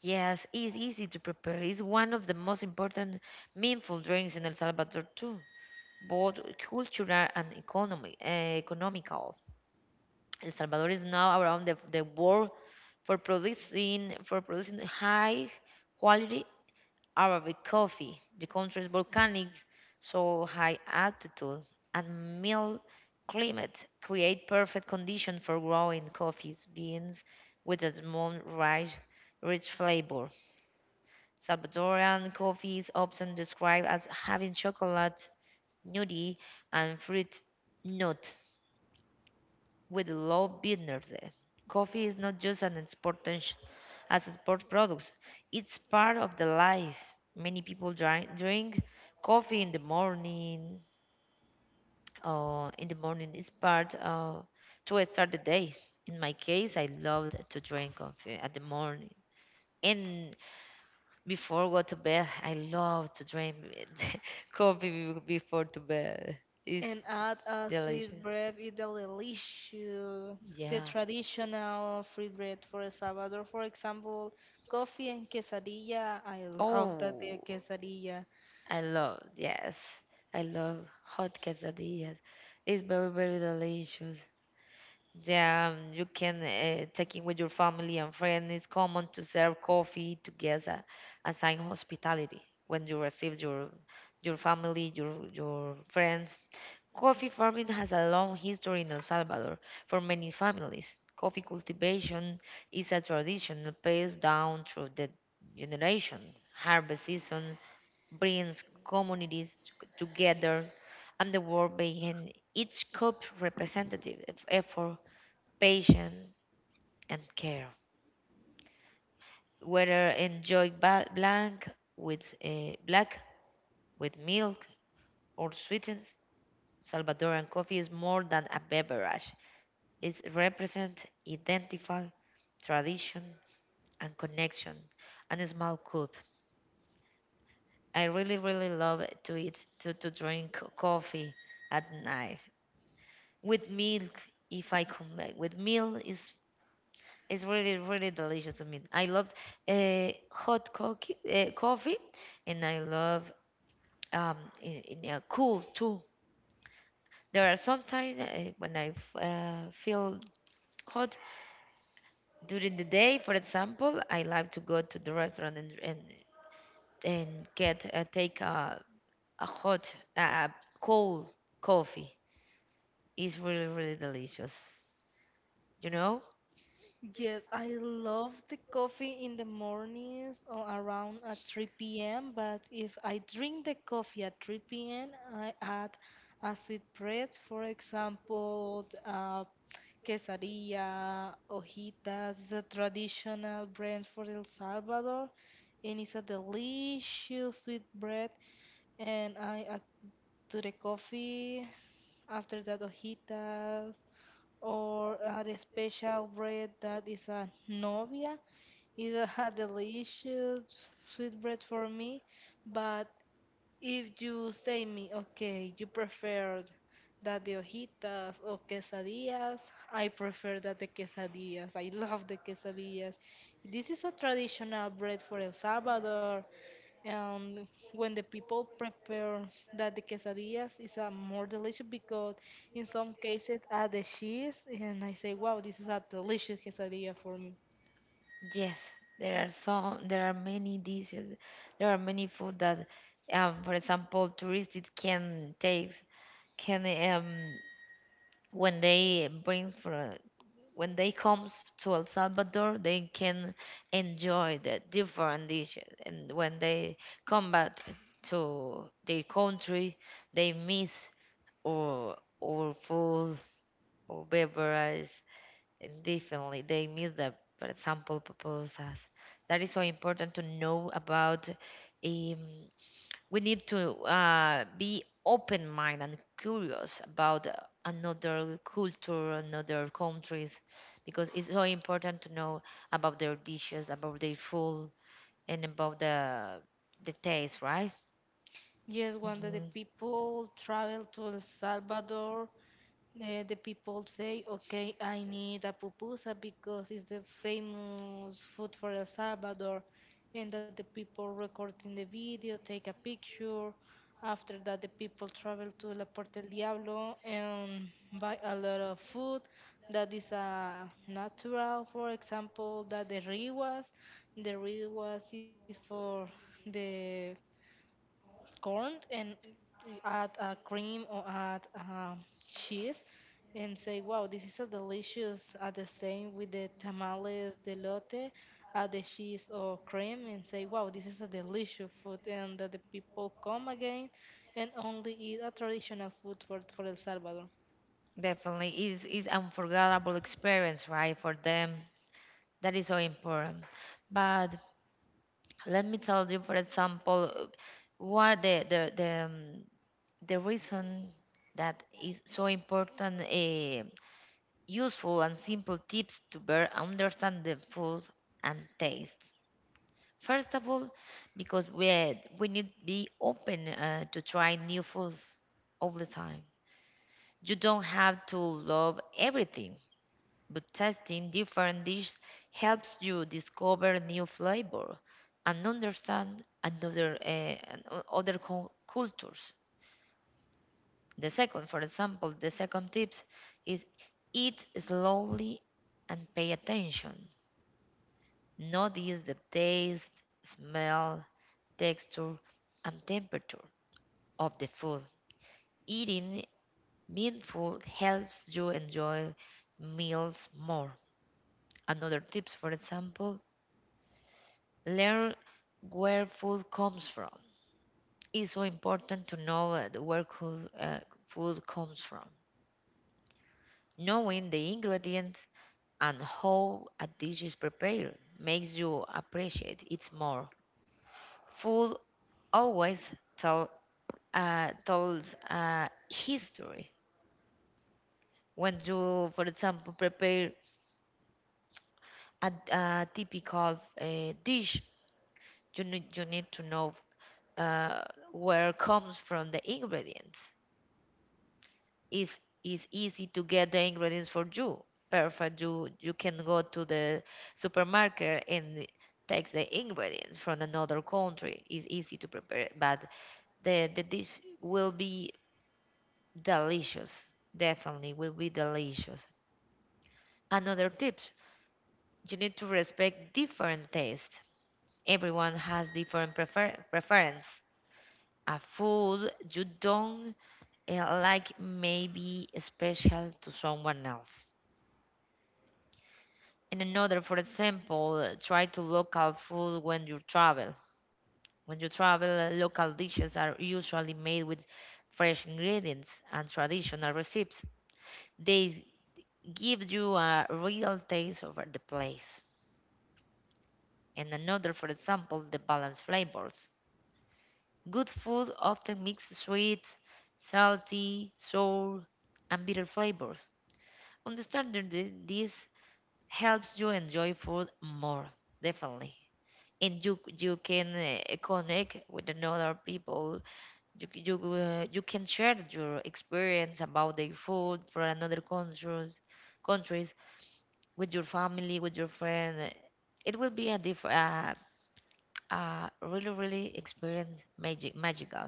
[SPEAKER 1] Yes, it's easy to prepare. It's one of the most important meaningful drinks in El Salvador too, both cultural and economy, eh, economical. El Salvador is now around the, the world for producing for producing high quality Arabic coffee. The country's volcanic, so high altitude and mild climate create perfect condition for growing coffees, beans with a small rice rich flavor. Salvadoran coffee is often described as having chocolate, nutty, and fruit notes with low bitterness. Coffee is not just an export as a sport product; it's part of the life. Many people drink, drink coffee in the morning. Uh, in the morning, it's part uh, to start the day. In my case, I loved to drink coffee at the morning. And before go to bed, I love to drink coffee be- before to bed. It's
[SPEAKER 2] and add a sweet
[SPEAKER 1] delicious.
[SPEAKER 2] bread is delicious, the
[SPEAKER 1] Yeah.
[SPEAKER 2] traditional free bread for El Salvador, for example coffee and quesadilla. I love that the
[SPEAKER 1] Oh,
[SPEAKER 2] quesadilla.
[SPEAKER 1] I love. Yes, I love hot quesadillas. It's very very delicious. Yeah, um, you can uh, take it with your family and friends. It's common to serve coffee together as a a sign of hospitality when you receive your your family, your your friends. Coffee farming has a long history in El Salvador for many families. Coffee cultivation is a tradition passed down through the generation. Harvest season brings communities t- together, and the work behind each cup representative e-, effort, patience, and care. Whether enjoyed ba- blank with uh, black, with milk, or sweetened, Salvadoran coffee is more than a beverage. It represents identity, tradition, and connection, and a small cup. I really, really love to eat to, to drink coffee at night with milk. If I come back with milk, is it's really, really delicious to me. I loved uh, hot coffee, uh, coffee, and I love um, in, in, uh, cool too. There are sometimes uh, when I f- uh, feel hot during the day, for example, I like to go to the restaurant and and, and get uh, take a, a hot, uh, cold coffee. It's really, really delicious. You know.
[SPEAKER 2] Yes, I love the coffee in the mornings or around at three p m. But if I drink the coffee at three p m, I add a sweet bread, for example, uh, quesadilla, hojitas. It's a traditional bread for El Salvador, and it's a delicious sweet bread. And I add to the coffee after that hojitas or a special bread that is a novia. It's a delicious sweet bread for me, but if you say me, okay, you prefer that the hojitas or quesadillas, I prefer that the quesadillas. I love the quesadillas. This is a traditional bread for El Salvador. And when the people prepare that the quesadillas is uh, more delicious because in some cases add the cheese and I say, wow, this is a delicious quesadilla for me.
[SPEAKER 1] Yes, there are so there are many dishes. There are many food that, um, for example, tourists it can take can um when they bring for when they comes to El Salvador they can enjoy the different dishes, and when they come back to their country, they miss or or food or beverage. Definitely, they miss the, for example, proposals. That is so important to know about. Um, we need to uh, be open minded and curious about uh, another culture, another countries, because it's so important to know about their dishes, about their food, and about the the taste, right?
[SPEAKER 2] Yes, when the the
[SPEAKER 1] Hmm.
[SPEAKER 2] people travel to El Salvador, eh, the people say, okay, I need a pupusa because it's the famous food for El Salvador, and that the people recording the video take a picture. After that, the people travel to La Puerta del Diablo and buy a lot of food that is uh, natural. For example, that the riguas, the riguas is for the corn and add uh, cream or add um, cheese and say, wow, this is a delicious. At the same with the tamales, the lote, add the cheese or cream and say, wow, this is a delicious food. And that the people come again and only eat a traditional food for, for El Salvador.
[SPEAKER 1] Definitely, is is unforgettable experience, right, for them. That is so important. But let me tell you, for example, what the the the, um, the reason that is so important, uh, useful and simple tips to better understand the food and tastes. First of all, because we we need be open uh, to try new food all the time. You don't have to love everything, but testing different dishes helps you discover new flavor and understand another uh, and o- other cul- cultures. The second, for example, the second tips is eat slowly and pay attention. Notice the taste, smell, texture, and temperature of the food. Eating mindful helps you enjoy meals more. Another tips, for example, learn where food comes from. It's so important to know that where coo- uh, food comes from. Knowing the ingredients and how a dish is prepared makes you appreciate it more. Food always tell, uh, tells a history. When you, for example, prepare a, a typical uh, dish, you need, you need to know uh, where comes from the ingredients, is is easy to get the ingredients for you. Perfect. You you can go to the supermarket and take the ingredients from another country. It's easy to prepare, but the the dish will be delicious. Definitely will be delicious. Another tip: you need to respect different tastes. Everyone has different prefer preference. A food you don't uh, like may be special to someone else. And another, for example, uh, try to local food when you travel. When you travel, uh, local dishes are usually made with fresh ingredients and traditional recipes. They give you a real taste over the place. And another, for example, the balanced flavors. Good food often mixes sweet, salty, sour, and bitter flavors. Understanding thi- this helps you enjoy food more, definitely. And you you can uh, connect with another people. You c- you uh, you can share your experience about the food for another countries countries with your family, with your friend. It will be a different uh, uh, really really experience magic magical,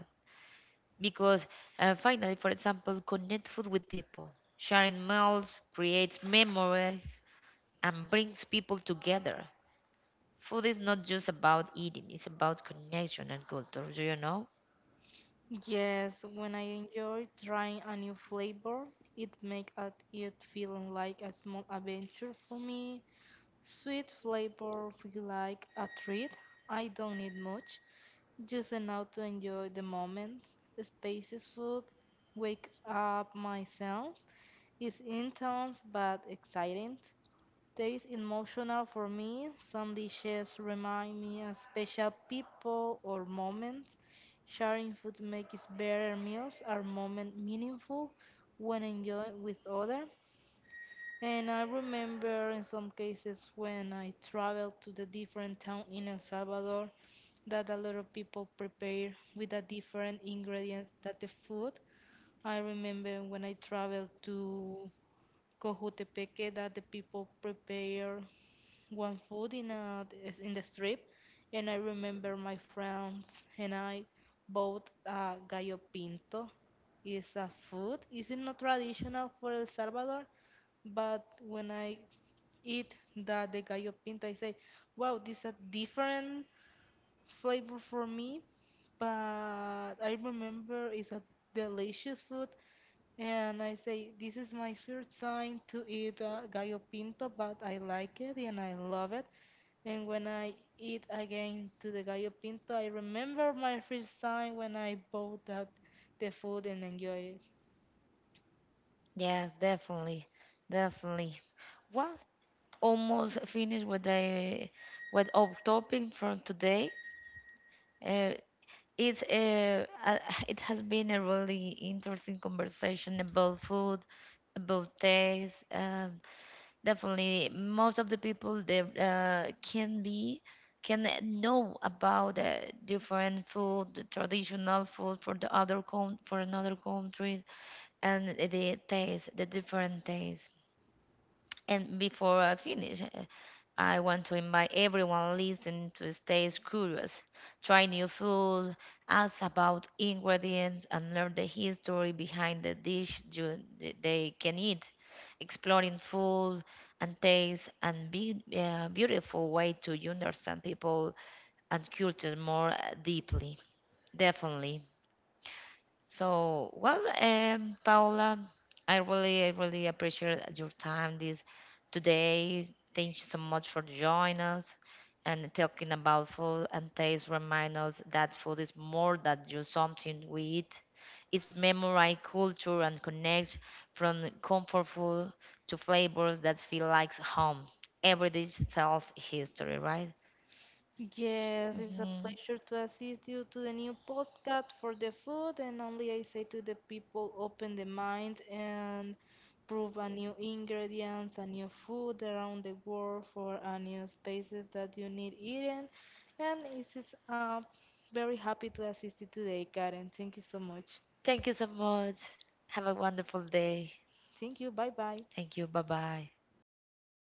[SPEAKER 1] because uh, finally, for example, connect food with people. Sharing meals creates memories and brings people together. Food is not just about eating, it's about connection and culture, do you know?
[SPEAKER 2] Yes, when I enjoy trying a new flavor, it makes it feel like a small adventure for me. Sweet flavor feel like a treat. I don't need much, just enough to enjoy the moment. Spacious food wakes up my sense. It's intense but exciting. Taste emotional for me. Some dishes remind me of special people or moments. Sharing food makes better meals are moment meaningful when enjoyed with others. And I remember in some cases when I traveled to the different town in El Salvador that a lot of people prepare with a different ingredients that the food. I remember when I traveled to Cojutepeque that the people prepare one food in a is in the strip, and I remember my friends and I bought a gallo pinto. It's a food. Is it not traditional for El Salvador? But when I eat the, the gallo pinto, I say, "Wow, this is a different flavor for me." But I remember it's a delicious food, and I say, this is my first time to eat uh, gallo pinto, but I like it and I love it. And when I eat again to the gallo pinto, I remember my first time when I bought that the food and enjoy it.
[SPEAKER 1] Yes, definitely, definitely. Well, almost finished with the with our topic for today. Uh, it's uh, uh, it has been a really interesting conversation about food, about taste. Uh, Definitely, most of the people they uh, can be can know about the different food, the traditional food for the other con for another country, and the taste, the different taste. And before I finish, uh, I want to invite everyone listening to stay curious, try new food, ask about ingredients, and learn the history behind the dish you, th- they can eat. Exploring food and taste and be a beautiful way to understand people and culture more uh, deeply. Definitely. So, well, um, Paola, I really, I really appreciate your time this today. Thank you so much for joining us and talking about food and taste. Remind us that food is more than just something we eat. It's memory, culture, and connects from comfort food to flavors that feel like home. Every dish tells history, right?
[SPEAKER 2] Yes, it's a
[SPEAKER 1] Hmm.
[SPEAKER 2] pleasure to assist you to the new postcard for the food, and only I say to the people, open the mind and prove a new ingredients, a new food around the world for a new spaces that you need eating. And it's it's, uh, very happy to assist you today, Karen. Thank you so much.
[SPEAKER 1] Thank you so much. Have a wonderful day.
[SPEAKER 2] Thank you. Bye bye.
[SPEAKER 1] Thank you. Bye bye.